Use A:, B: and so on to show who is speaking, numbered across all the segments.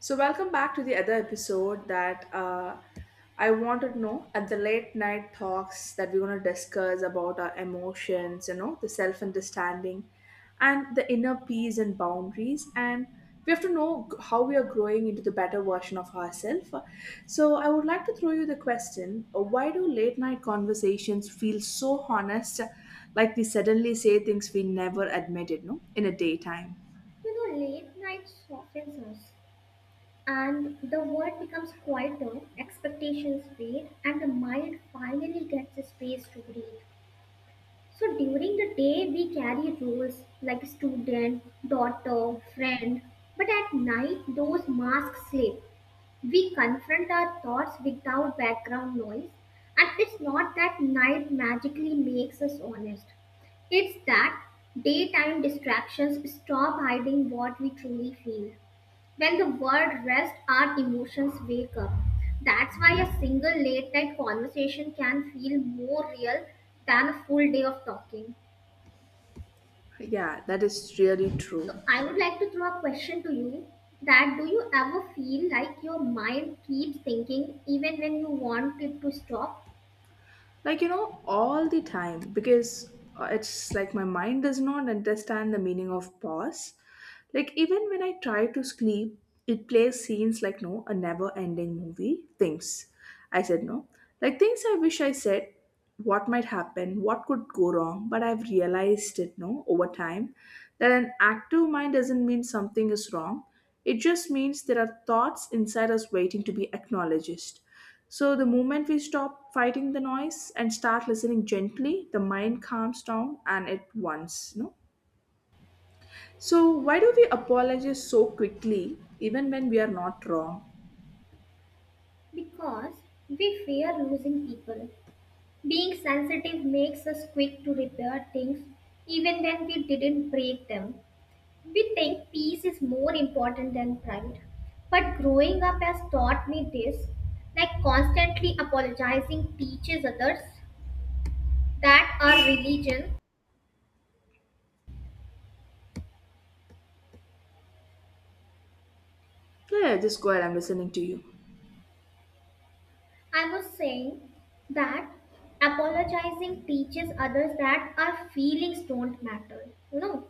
A: So, welcome back to the other episode that I wanted to know at the late night talks that we're going to discuss about our emotions, you know, the self understanding and the inner peace and boundaries. And we have to know how we are growing into the better version of ourselves. So, I would like to throw you the question why do late night conversations feel so honest, like we suddenly say things we never admitted, no, in a daytime?
B: You know, late night softens us, and the world becomes quieter, expectations fade, and the mind finally gets a space to breathe. So during the day, we carry roles like student, daughter, friend, but at night, those masks slip. We confront our thoughts without background noise, and it's not that night magically makes us honest. It's that daytime distractions stop hiding what we truly feel. When the world rests, our emotions wake up. That's why a single late night conversation can feel more real than a full day of talking.
A: Yeah, that is really
B: So,
A: true.
B: I would like to throw a question to you that do you ever feel like your mind keeps thinking even when you want it to stop?
A: Like, you know, all the time because it's like my mind does not understand the meaning of pause, like even when I try to sleep, it plays scenes like no a never ending movie, things I said no, like things I wish I said, what might happen, what could go wrong. But I've realized it no, over time, that an active mind doesn't mean something is wrong. It just means there are thoughts inside us waiting to be acknowledged. So, the moment we stop fighting the noise and start listening gently, the mind calms down and it wants. No? So, why do we apologize so quickly even when we are not wrong?
B: Because we fear losing people. Being sensitive makes us quick to repair things even when we didn't break them. We think peace is more important than pride. But growing up has taught me this like constantly apologizing teaches others that our religion,
A: Yeah, yeah, just go ahead. I'm listening to you.
B: I was saying that apologizing teaches others that our feelings don't matter, you know.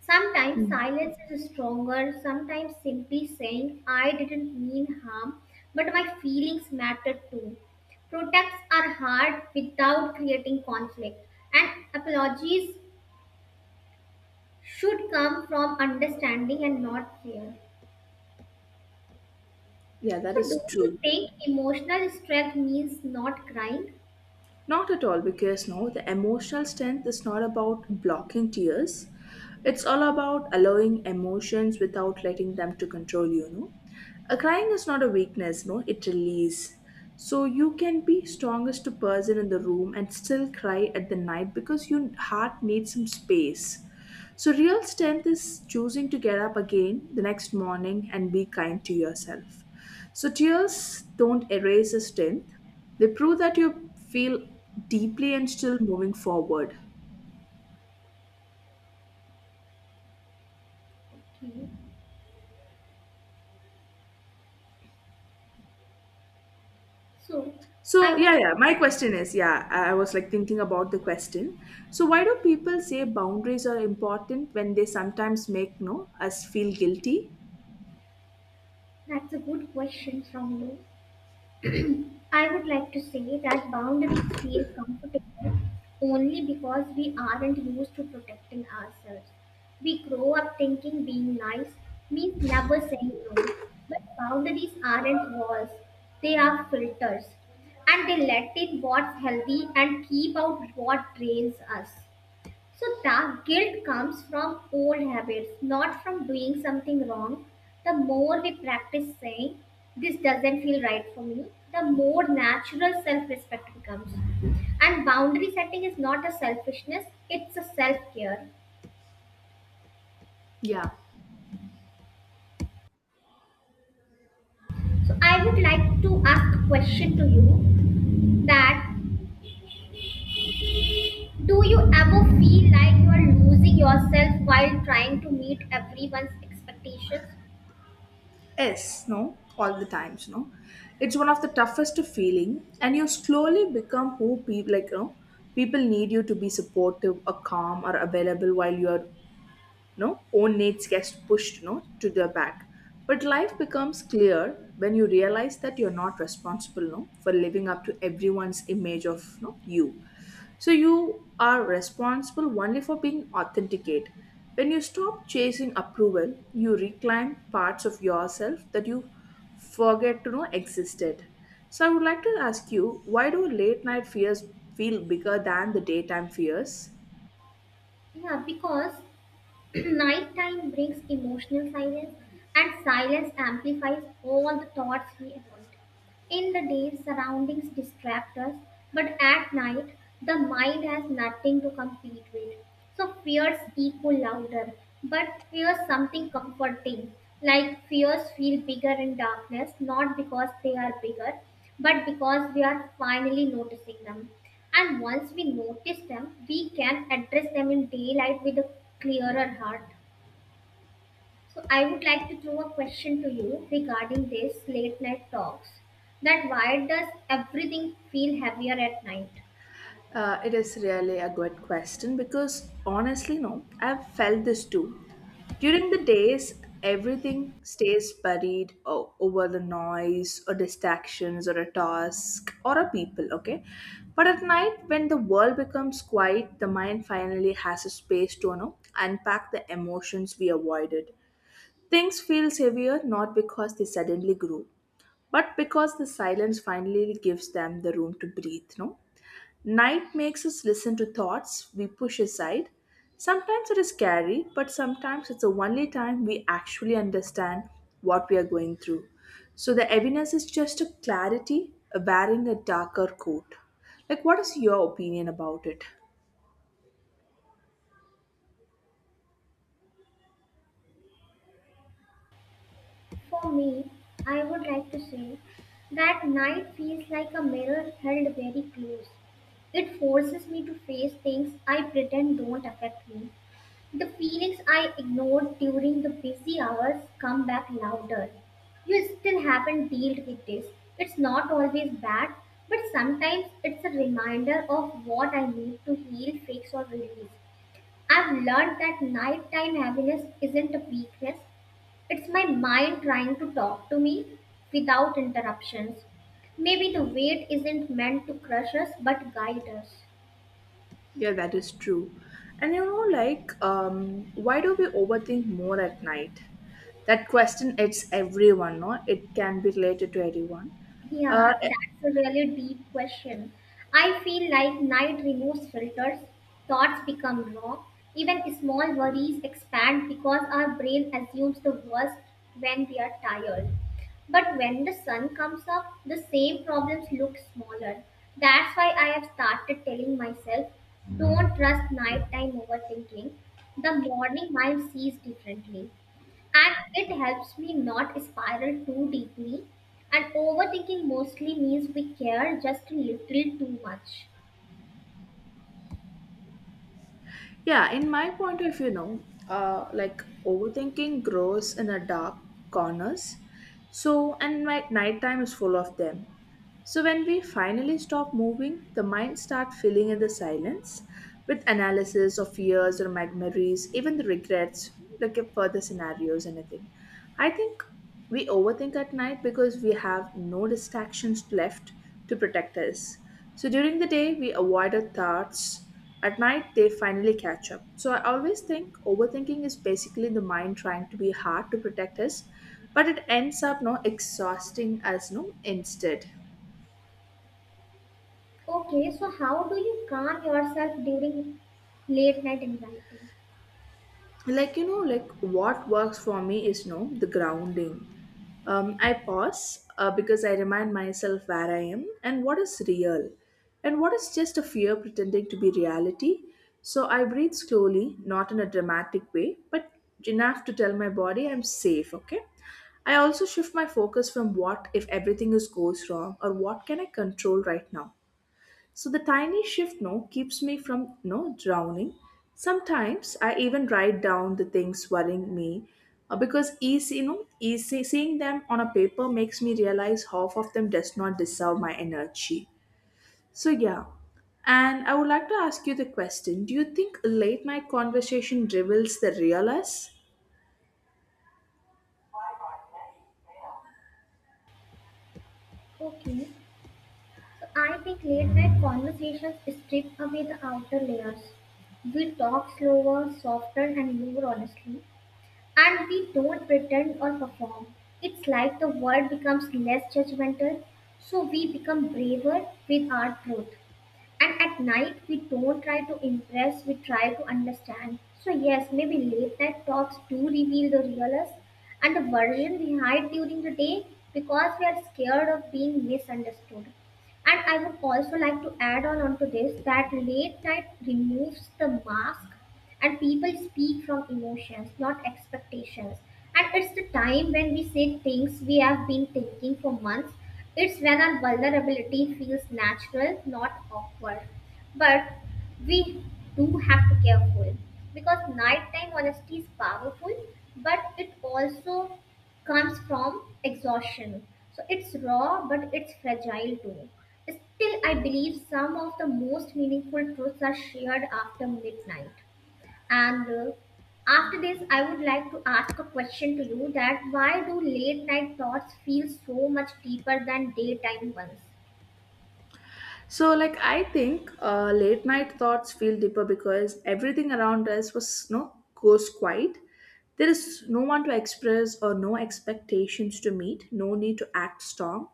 B: Sometimes
A: Mm.
B: silence is stronger, sometimes simply saying, I didn't mean harm, but my feelings matter too. Protests are hard without creating conflict, and apologies should come from understanding and not fear.
A: Yeah, that
B: So, do
A: is
B: you
A: true.
B: think emotional strength means not crying?
A: Not at all, because no, the emotional strength is not about blocking tears. It's all about allowing emotions without letting them to control you, no? A crying is not a weakness, no, it release. So you can be strongest person in the room and still cry at the night because your heart needs some space. So real strength is choosing to get up again the next morning and be kind to yourself. So tears don't erase a strength. They prove that you feel deeply and still moving forward.
B: Okay. So,
A: So
B: I would.
A: yeah, yeah. My question is, yeah, I was like thinking about the question. So why do people say boundaries are important when they sometimes make no us feel guilty?
B: That's a good question from you. I would like to say that boundaries feel comfortable only because we aren't used to protecting ourselves. We grow up thinking being nice means never saying no. But boundaries aren't walls, they are filters. And they let in what's healthy and keep out what drains us. So the guilt comes from old habits, not from doing something wrong. The more we practice saying, this doesn't feel right for me, the more natural self respect becomes. And boundary setting is not a selfishness, it's a self care.
A: Yeah.
B: So I would like to ask a question to you that do you ever feel like you are losing yourself while trying to meet everyone's expectations?
A: Yes, no, all the times, no. It's one of the toughest feeling, and you slowly become who people like, you know, people need you to be supportive, or calm, or available, while you are no own needs gets pushed no to the back. But life becomes clear when you realize that you're not responsible no for living up to everyone's image of no you. So you are responsible only for being authenticate. When you stop chasing approval, you reclaim parts of yourself that you forget to know existed. So I would like to ask you, why do late night fears feel bigger than the daytime fears?
B: Yeah, because nighttime brings emotional silence, and silence amplifies all the thoughts we avoid. In the day, surroundings distract us, but at night, the mind has nothing to compete with. So fears echo louder, but fears something comforting. Like fears feel bigger in darkness, not because they are bigger, but because we are finally noticing them. And once we notice them, we can address them in daylight with a clearer heart. So I would like to throw a question to you regarding this late night talks. That why does everything feel heavier at night?
A: It is really a good question because honestly, no, I've felt this too. During the days, everything stays buried over the noise or distractions or a task or a people, okay? But at night, when the world becomes quiet, the mind finally has a space to, you know, unpack the emotions we avoided. Things feel heavier not because they suddenly grew, but because the silence finally gives them the room to breathe, no? Night makes us listen to thoughts we push aside. Sometimes it is scary, but sometimes it's the only time we actually understand what we are going through. So the evidence is just a clarity wearing a darker coat. Like, what is your opinion about it?
B: For me, I would like to say that night feels like a mirror held very close. It forces me to face things I pretend don't affect me. The phoenix I ignored during the busy hours come back louder. You still haven't dealt with this. It's not always bad, but sometimes it's a reminder of what I need to heal, fix, or release. I've learned that nighttime heaviness isn't a weakness, it's my mind trying to talk to me without interruptions. Maybe the weight isn't meant to crush us but guide us.
A: Yeah, that is true. And you know, like, why do we overthink more at night? That question, it's everyone, no? It can be related to everyone. Uh,
B: Yeah, that's a really deep question. I feel like night removes filters, thoughts become raw, even small worries expand because our brain assumes the worst when we are tired. But when the sun comes up, the same problems look smaller. That's why I have started telling myself don't trust nighttime overthinking. The morning mind sees differently and it helps me not spiral too deeply. And overthinking mostly means we care just a little too much.
A: Yeah, in my point of view, no, like overthinking grows in the dark corners. So, and my nighttime is full of them. So when we finally stop moving, the mind starts filling in the silence with analysis of fears or memories, even the regrets, like if further scenarios, anything. I think we overthink at night because we have no distractions left to protect us. So during the day, we avoid our thoughts. At night, they finally catch up. So I always think overthinking is basically the mind trying to be hard to protect us, but it ends up no exhausting us no instead.
B: Okay, so how do you calm yourself during late night anxiety?
A: Like, you know, like, what works for me is, you know, the grounding. I pause, because I remind myself where I am and what is real, and what is just a fear pretending to be reality. So I breathe slowly, not in a dramatic way, but enough to tell my body I'm safe, okay? I also shift my focus from what if everything is goes wrong, or what can I control right now. So the tiny shift no keeps me from no drowning. Sometimes I even write down the things worrying me, because easy, you know, easy, seeing them on a paper makes me realize half of them does not deserve my energy. So yeah. And I would like to ask you the question, do you think late night conversation reveals the real us?
B: Okay, so I think late night conversations strip away the outer layers. We talk slower, softer, and more honestly, and we don't pretend or perform. It's like the world becomes less judgmental, so we become braver with our truth. And at night, we don't try to impress, we try to understand. So, yes, maybe late night talks do reveal the real us and the version we hide during the day because we are scared of being misunderstood. And I would also like to add on onto this that late night removes the mask and people speak from emotions, not expectations. And it's the time when we say things we have been thinking for months. It's when our vulnerability feels natural, not awkward. But we do have to be careful because nighttime honesty is powerful, but it also comes from exhaustion. So it's raw, but it's fragile too. Still, I believe some of the most meaningful truths are shared after midnight. And after this, I would like to ask a question to you that why do late night thoughts feel so much deeper than daytime ones?
A: So, like, I think late night thoughts feel deeper because everything around us was no goes quiet. There is no one to express or no expectations to meet, no need to act strong.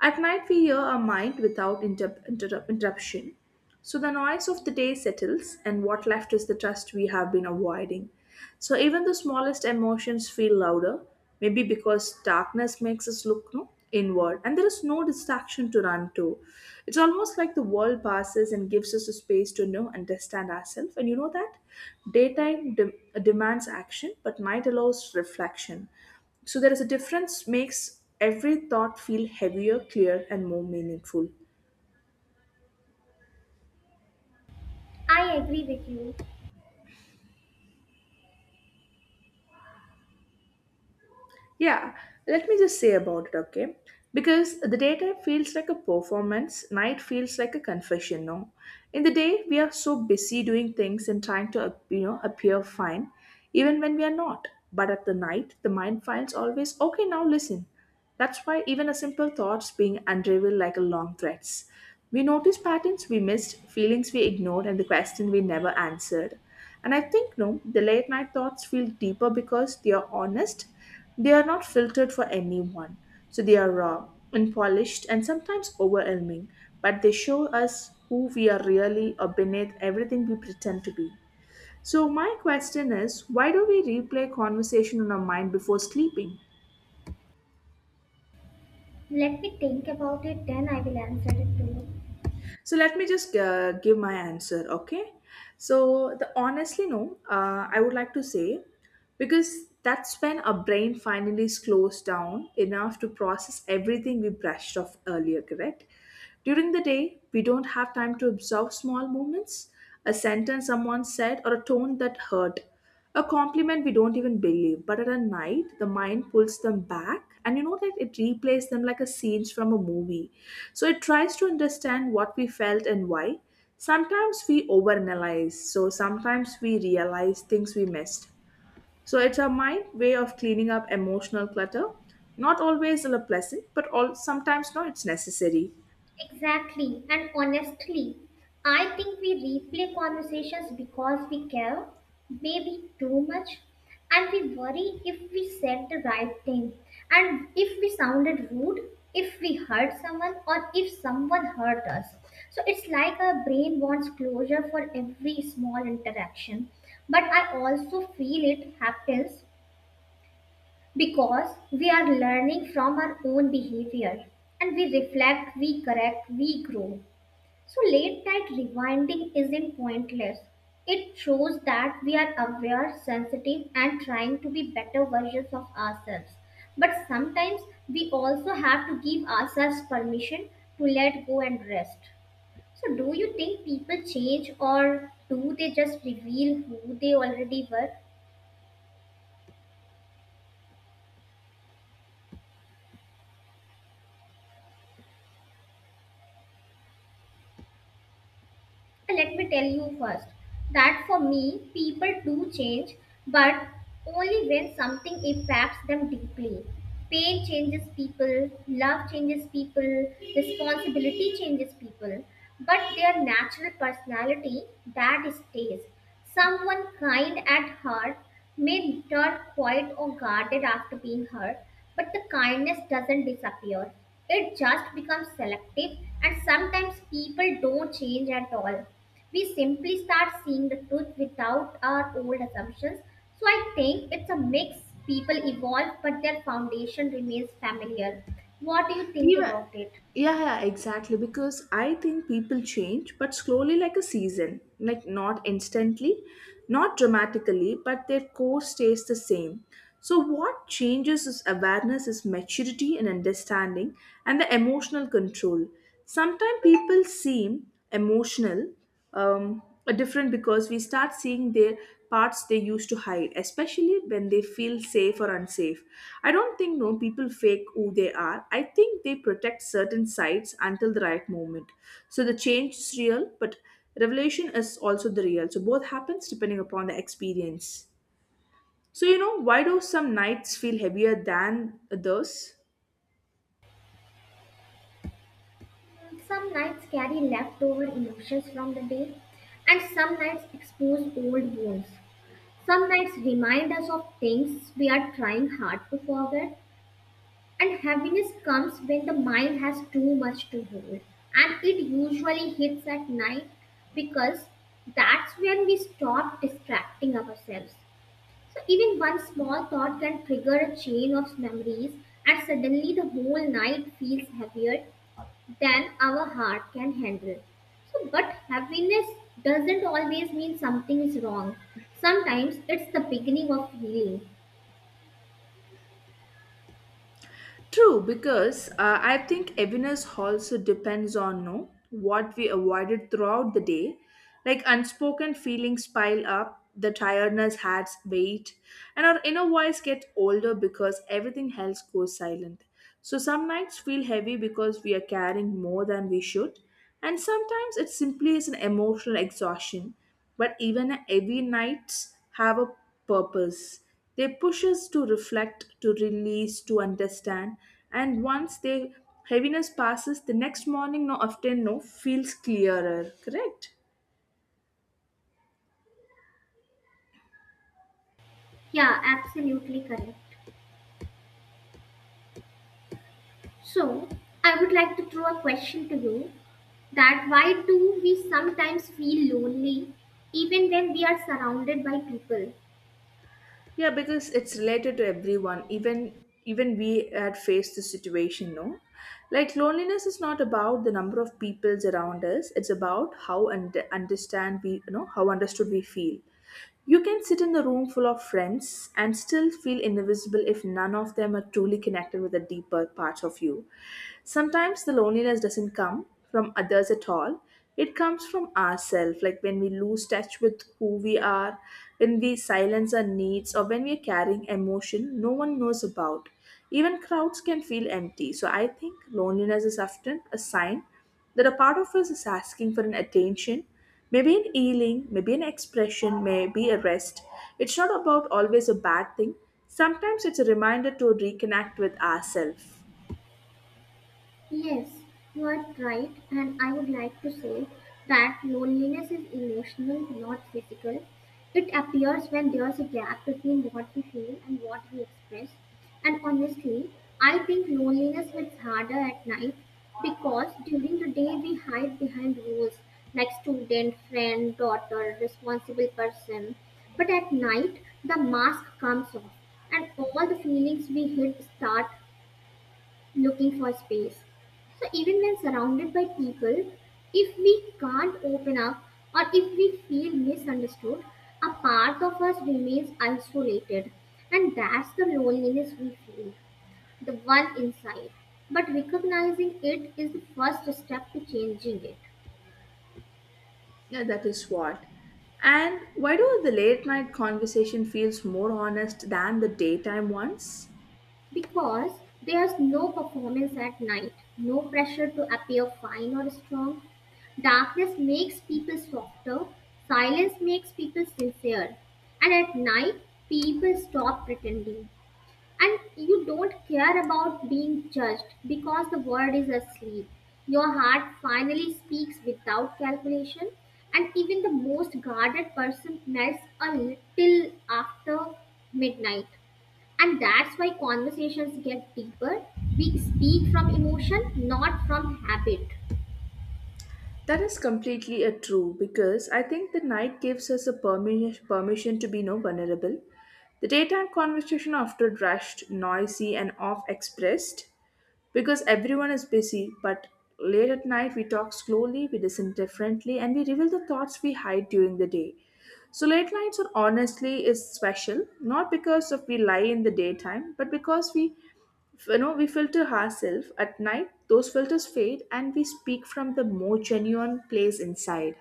A: At night, we hear our mind without interruption. So the noise of the day settles, and what left is the trust we have been avoiding. So even the smallest emotions feel louder, maybe because darkness makes us look no, inward, and there is no distraction to run to. It's almost like the world passes and gives us a space to know and understand ourselves. And you know that daytime dem- demands action, but night allows reflection. So there is a difference makes every thought feel heavier, clear, and more meaningful.
B: I agree with you.
A: Yeah, let me just say about it, okay? Because the daytime feels like a performance, night feels like a confession, no? In the day, we are so busy doing things and trying to, you know, appear fine, even when we are not. But at the night, the mind finds always, okay, now listen. That's why even a simple thoughts being unraveled like a long threads. We notice patterns we missed, feelings we ignored, and the question we never answered. And I think no, the late night thoughts feel deeper because they are honest, they are not filtered for anyone, so they are raw, unpolished, and sometimes overwhelming, but they show us who we are really or beneath everything we pretend to be. So, my question is why do we replay conversation in our mind before sleeping?
B: Let me think about it, then I will answer it to you.
A: So, let me just give my answer, okay? So, the honestly, no, I would like to say because that's when our brain finally slows down enough to process everything we brushed off earlier, correct? During the day, we don't have time to observe small moments, a sentence someone said, or a tone that hurt, a compliment we don't even believe. But at a night, the mind pulls them back, and you know that it replays them like a scenes from a movie. So it tries to understand what we felt and why. Sometimes we overanalyze, so sometimes we realize things we missed, so it's a mind way of cleaning up emotional clutter. Not always a pleasant, but all sometimes no, it's necessary.
B: Exactly. And honestly, I think we replay conversations because we care, maybe too much, and we worry if we said the right thing, and if we sounded rude, if we hurt someone, or if someone hurt us. So it's like our brain wants closure for every small interaction. But I also feel it happens because we are learning from our own behavior and we reflect, we correct, we grow. So, late night rewinding isn't pointless. It shows that we are aware, sensitive, and trying to be better versions of ourselves. But sometimes we also have to give ourselves permission to let go and rest. So, do you think people change or do they just reveal who they already were? And let me tell you first that for me, people do change, but only when something impacts them deeply. Pain changes people, love changes people, responsibility changes people, but their natural personality that stays. Someone kind at heart may turn quiet or guarded after being hurt, but the kindness doesn't disappear. It just becomes selective, and sometimes people don't change at all. We simply start seeing the truth without our old assumptions. So I think it's a mix. People evolve, but their foundation remains familiar. What do you think
A: Even
B: about it?
A: yeah, yeah, exactly. Because I think people change, but slowly, like a season, like not instantly, not dramatically, but their core stays the same. So what changes is awareness, is maturity and understanding, and the emotional control. Sometimes people seem emotional are different because we start seeing their parts they used to hide, especially when they feel safe or unsafe. I don't think no people fake who they are. I think they protect certain sides until the right moment. So the change is real, but revelation is also the real. So both happens depending upon the experience. So you know, why do some nights feel heavier than others?
B: Some nights carry leftover emotions from the day, and some nights expose old wounds. Some nights remind us of things we are trying hard to forget, and happiness comes when the mind has too much to hold. And it usually hits at night because that's when we stop distracting ourselves. So, even one small thought can trigger a chain of memories, and suddenly the whole night feels heavier than our heart can handle. So, but happiness doesn't always mean something is wrong. Sometimes it's the beginning of healing.
A: True, because I think awareness also depends on no what we avoided throughout the day, like unspoken feelings pile up, the tiredness adds weight, and our inner voice gets older because everything else goes silent. So some nights feel heavy because we are carrying more than we should, and sometimes it simply is an emotional exhaustion. But even a heavy nights have a purpose. They push us to reflect, to release, to understand. And once the heaviness passes, the next morning, no, often no, feels clearer. Correct?
B: Yeah, absolutely correct. So, I would like to throw a question to you that why do we sometimes feel lonely even when we are surrounded by people?
A: Yeah, because it's related to everyone. Even we had faced this situation, no? Like loneliness is not about the number of peoples around us. It's about how and understand we, you know, how understood we feel. You can sit in the room full of friends and still feel invisible if none of them are truly connected with the deeper parts of you. Sometimes the loneliness doesn't come from others at all. It comes from ourselves, like when we lose touch with who we are, when we silence our needs, or when we are carrying emotion no one knows about. Even crowds can feel empty, so I think loneliness is often a sign that a part of us is asking for an attention, maybe an healing, maybe an expression, maybe a rest. It's not about always a bad thing. Sometimes it's a reminder to reconnect with ourselves.
B: Yes, you are right, and I would like to say that loneliness is emotional, not physical. It appears when there's a gap between what we feel and what we express. And honestly, I think loneliness hits harder at night because during the day we hide behind rules like student, friend, daughter, responsible person. But at night, the mask comes off and all the feelings we hid start looking for space. So even when surrounded by people, if we can't open up or if we feel misunderstood, a part of us remains isolated, and that's the loneliness we feel, the one inside. But recognizing it is the first step to changing it.
A: Yeah, that is what. And why do the late night conversation feels more honest than the daytime ones?
B: Because there's no performance at night, no pressure to appear fine or strong. Darkness makes people softer, silence makes people sincere, and at night, people stop pretending and you don't care about being judged because the world is asleep. Your heart finally speaks without calculation, and even the most guarded person melts a little after midnight. And that's why conversations get deeper. We speak from emotion, not from habit.
A: That is completely a true because I think the night gives us a permission, permission to be no vulnerable. The daytime conversation after rushed, noisy, and off expressed because everyone is busy. But late at night, we talk slowly, we listen differently, and we reveal the thoughts we hide during the day. So late nights are honestly is special, not because of we lie in the daytime, but because we you know we filter ourselves at night, those filters fade and we speak from the more genuine place inside.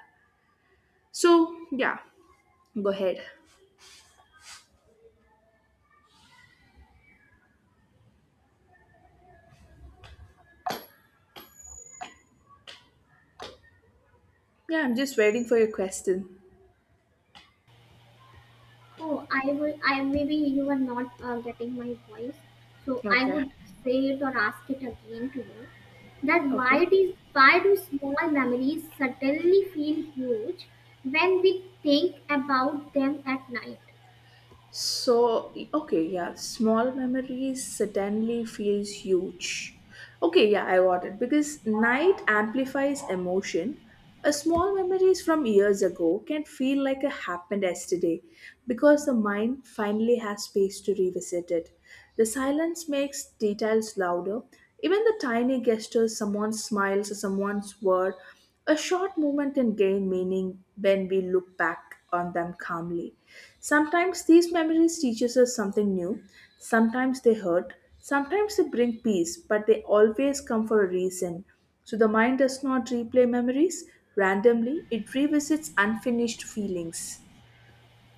A: So yeah, go ahead. Yeah, I'm just waiting for your question.
B: Oh, I would, I maybe you are not getting my voice, so I
A: Okay.
B: would say it or ask it again to you. That
A: Okay.
B: why do small memories suddenly feel huge when we think about them at night?
A: So, okay, yeah, small memories suddenly feels huge. Okay, yeah, I got it. Because night amplifies emotion. A small memories from years ago can feel like it happened yesterday because the mind finally has space to revisit it. The silence makes details louder. Even the tiny gestures, someone's smiles or someone's word, a short moment can gain meaning when we look back on them calmly. Sometimes these memories teaches us something new, sometimes they hurt, sometimes they bring peace, but they always come for a reason. So the mind does not replay memories randomly, it revisits unfinished feelings.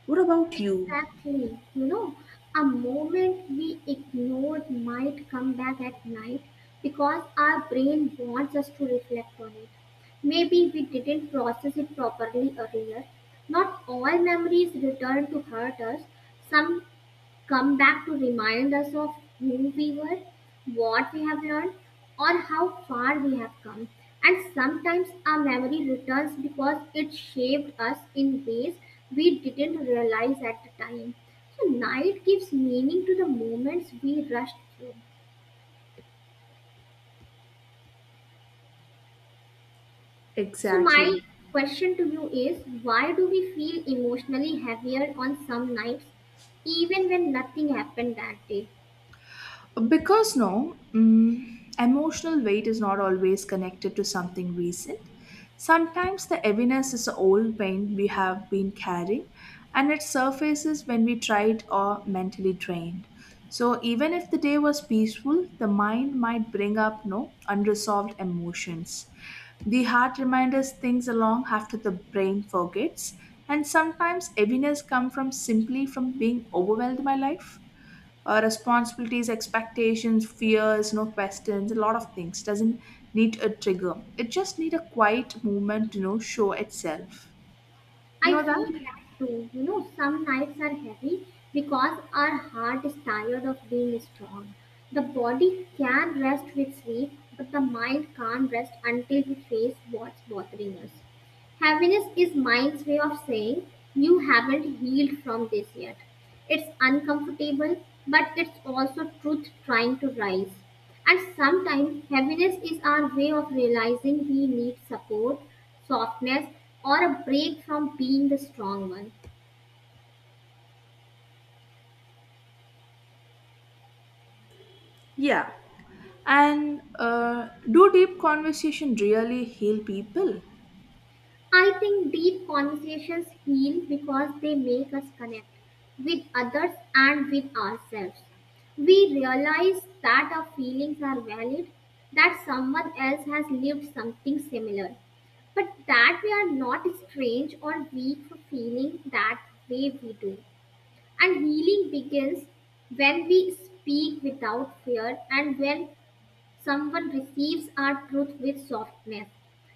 A: What about you?
B: Exactly. You know, a moment we ignored might come back at night because our brain wants us to reflect on it. Maybe we didn't process it properly earlier. Not all memories return to hurt us. Some come back to remind us of who we were, what we have learned, or how far we have come. And sometimes our memory returns because it shaped us in ways we didn't realize at the time. So, night gives meaning to the moments we rushed through. So, my
A: Exactly.
B: question to you is why do we feel emotionally heavier on some nights, even when nothing happened that day?
A: Because no, emotional weight is not always connected to something recent. Sometimes the heaviness is the old pain we have been carrying, and it surfaces when we tried or mentally drained. So even if the day was peaceful, the mind might bring up no unresolved emotions. The heart reminds us things long after the brain forgets, and sometimes heaviness comes from simply from being overwhelmed by life, responsibilities, expectations, fears, no questions, a lot of things. Doesn't need a trigger. It just need a quiet movement to, you know, show itself. You
B: I
A: know
B: feel
A: that?
B: that too. You know, some nights are heavy because our heart is tired of being strong. The body can rest with sleep, but the mind can't rest until we face what's bothering us. Heaviness is mind's way of saying you haven't healed from this yet. It's uncomfortable, but it's also truth trying to rise. And sometimes heaviness is our way of realizing we need support, softness, or a break from being the strong one.
A: Yeah. And do deep conversation really heal people?
B: I think deep conversations heal because they make us connect with others and with ourselves. We realize that our feelings are valid, that someone else has lived something similar, but that we are not strange or weak for feeling that way we do. And healing begins when we speak without fear and when someone receives our truth with softness.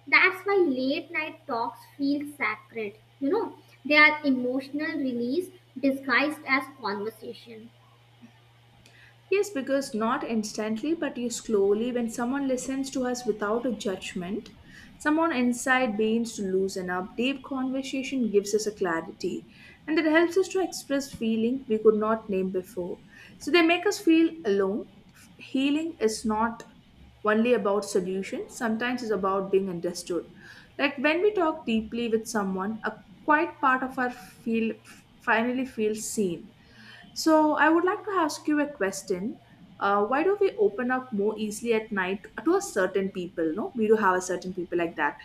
B: That's why late night talks feel sacred. You know, they are emotional release disguised as conversation.
A: Yes, because not instantly, but you slowly, when someone listens to us without a judgment, someone inside begins to loosen up. Deep conversation gives us a clarity, and it helps us to express feeling we could not name before. So they make us feel alone. Healing is not only about solutions, sometimes it's about being understood. Like when we talk deeply with someone, a quiet part of our feel finally feels seen. So I would like to ask you a question. Why do we open up more easily at night to a certain people? No, we do have a certain people like that.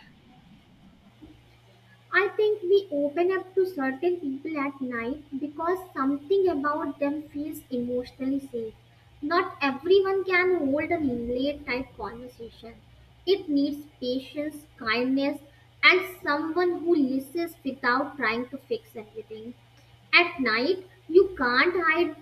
B: I think we open up to certain people at night because something about them feels emotionally safe. Not everyone can hold a late type conversation. It needs patience, kindness, and someone who listens without trying to fix everything. At night, you can't hide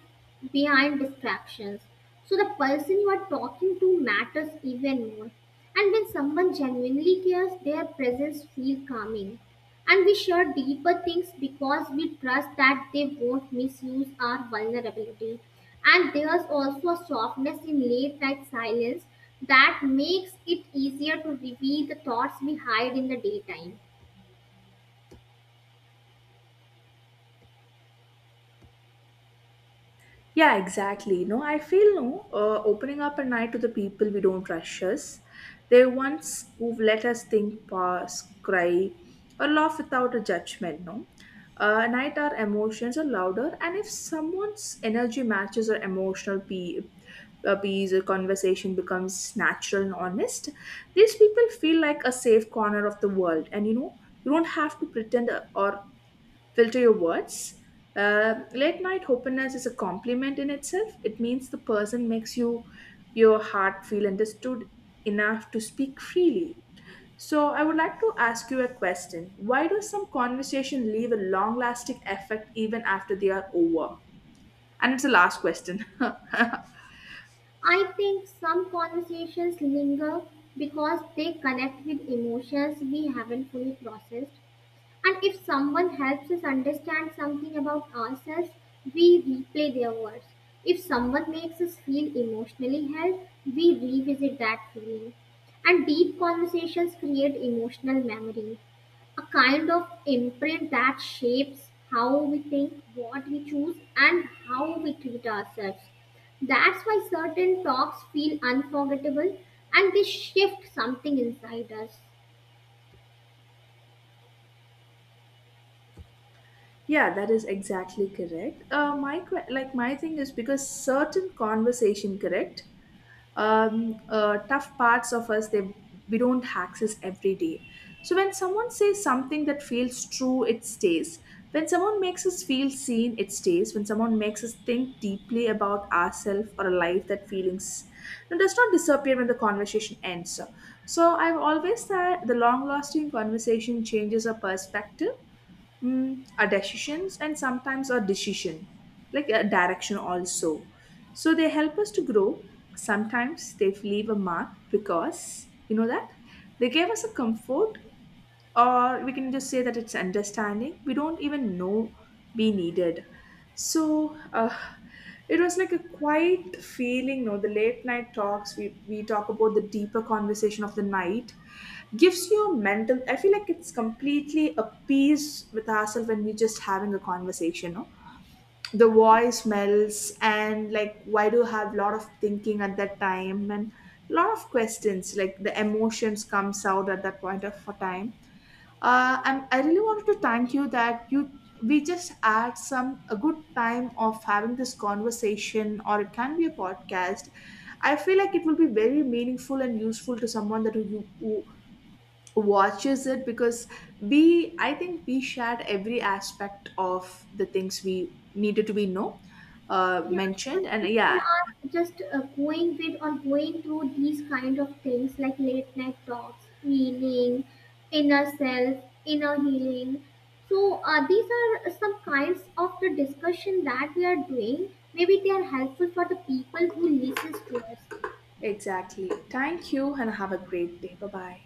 B: behind distractions. So the person you are talking to matters even more. And when someone genuinely cares, their presence feels calming. And we share deeper things because we trust that they won't misuse our vulnerability. And there's also a softness in late night silence that makes it easier to reveal the thoughts we hide in the daytime.
A: Yeah, exactly. No, I feel no opening up an eye to the people we don't rush us. They're ones who've let us think, pause, cry, or laugh without a judgment. No, at night our emotions are louder, and if someone's energy matches our emotional peace, or conversation becomes natural and honest. These people feel like a safe corner of the world, and you know you don't have to pretend or filter your words. Late night openness is a compliment in itself. It means the person makes you your heart feel understood enough to speak freely. So I would like to ask you a question. Why do some conversation leave a long lasting effect even after they are over? And it's the last question.
B: I think some conversations linger because they connect with emotions we haven't fully processed. And if someone helps us understand something about ourselves, we replay their words. If someone makes us feel emotionally held, we revisit that feeling. And deep conversations create emotional memory, a kind of imprint that shapes how we think, what we choose, and how we treat ourselves. That's why certain talks feel unforgettable and they shift something inside us.
A: Yeah, that is exactly correct. Like my thing is because certain conversation, correct? Tough parts of us, they we don't access every day. So when someone says something that feels true, it stays. When someone makes us feel seen, it stays. When someone makes us think deeply about ourselves or a life, that feelings, it does not disappear when the conversation ends. So I've always said the long lasting conversation changes our perspective, a decisions, and sometimes a decision like a direction also. So they help us to grow. Sometimes they leave a mark because you know that they gave us a comfort, or we can just say that it's understanding we don't even know we needed. So it was like a quiet feeling. No, the late night talks, we talk about the deeper conversation of the night, gives you a mental, I feel like it's completely a peace with ourselves when we're just having a conversation. No, the voice melts, and like why do you have a lot of thinking at that time, and a lot of questions, like the emotions comes out at that point of time. And I really wanted to thank you that you, we just had some a good time of having this conversation, or it can be a podcast. I feel like it will be very meaningful and useful to someone that who watches it because we, I think we shared every aspect of the things we needed to be know,
B: Yeah, because
A: mentioned, and
B: people
A: yeah,
B: are just going with or going through these kind of things like late night talks, healing, inner self, inner healing. So these are some kinds of the discussion that we are doing. Maybe they are helpful for the people who listens to us.
A: exactly. Thank you, and have a great day. Bye bye.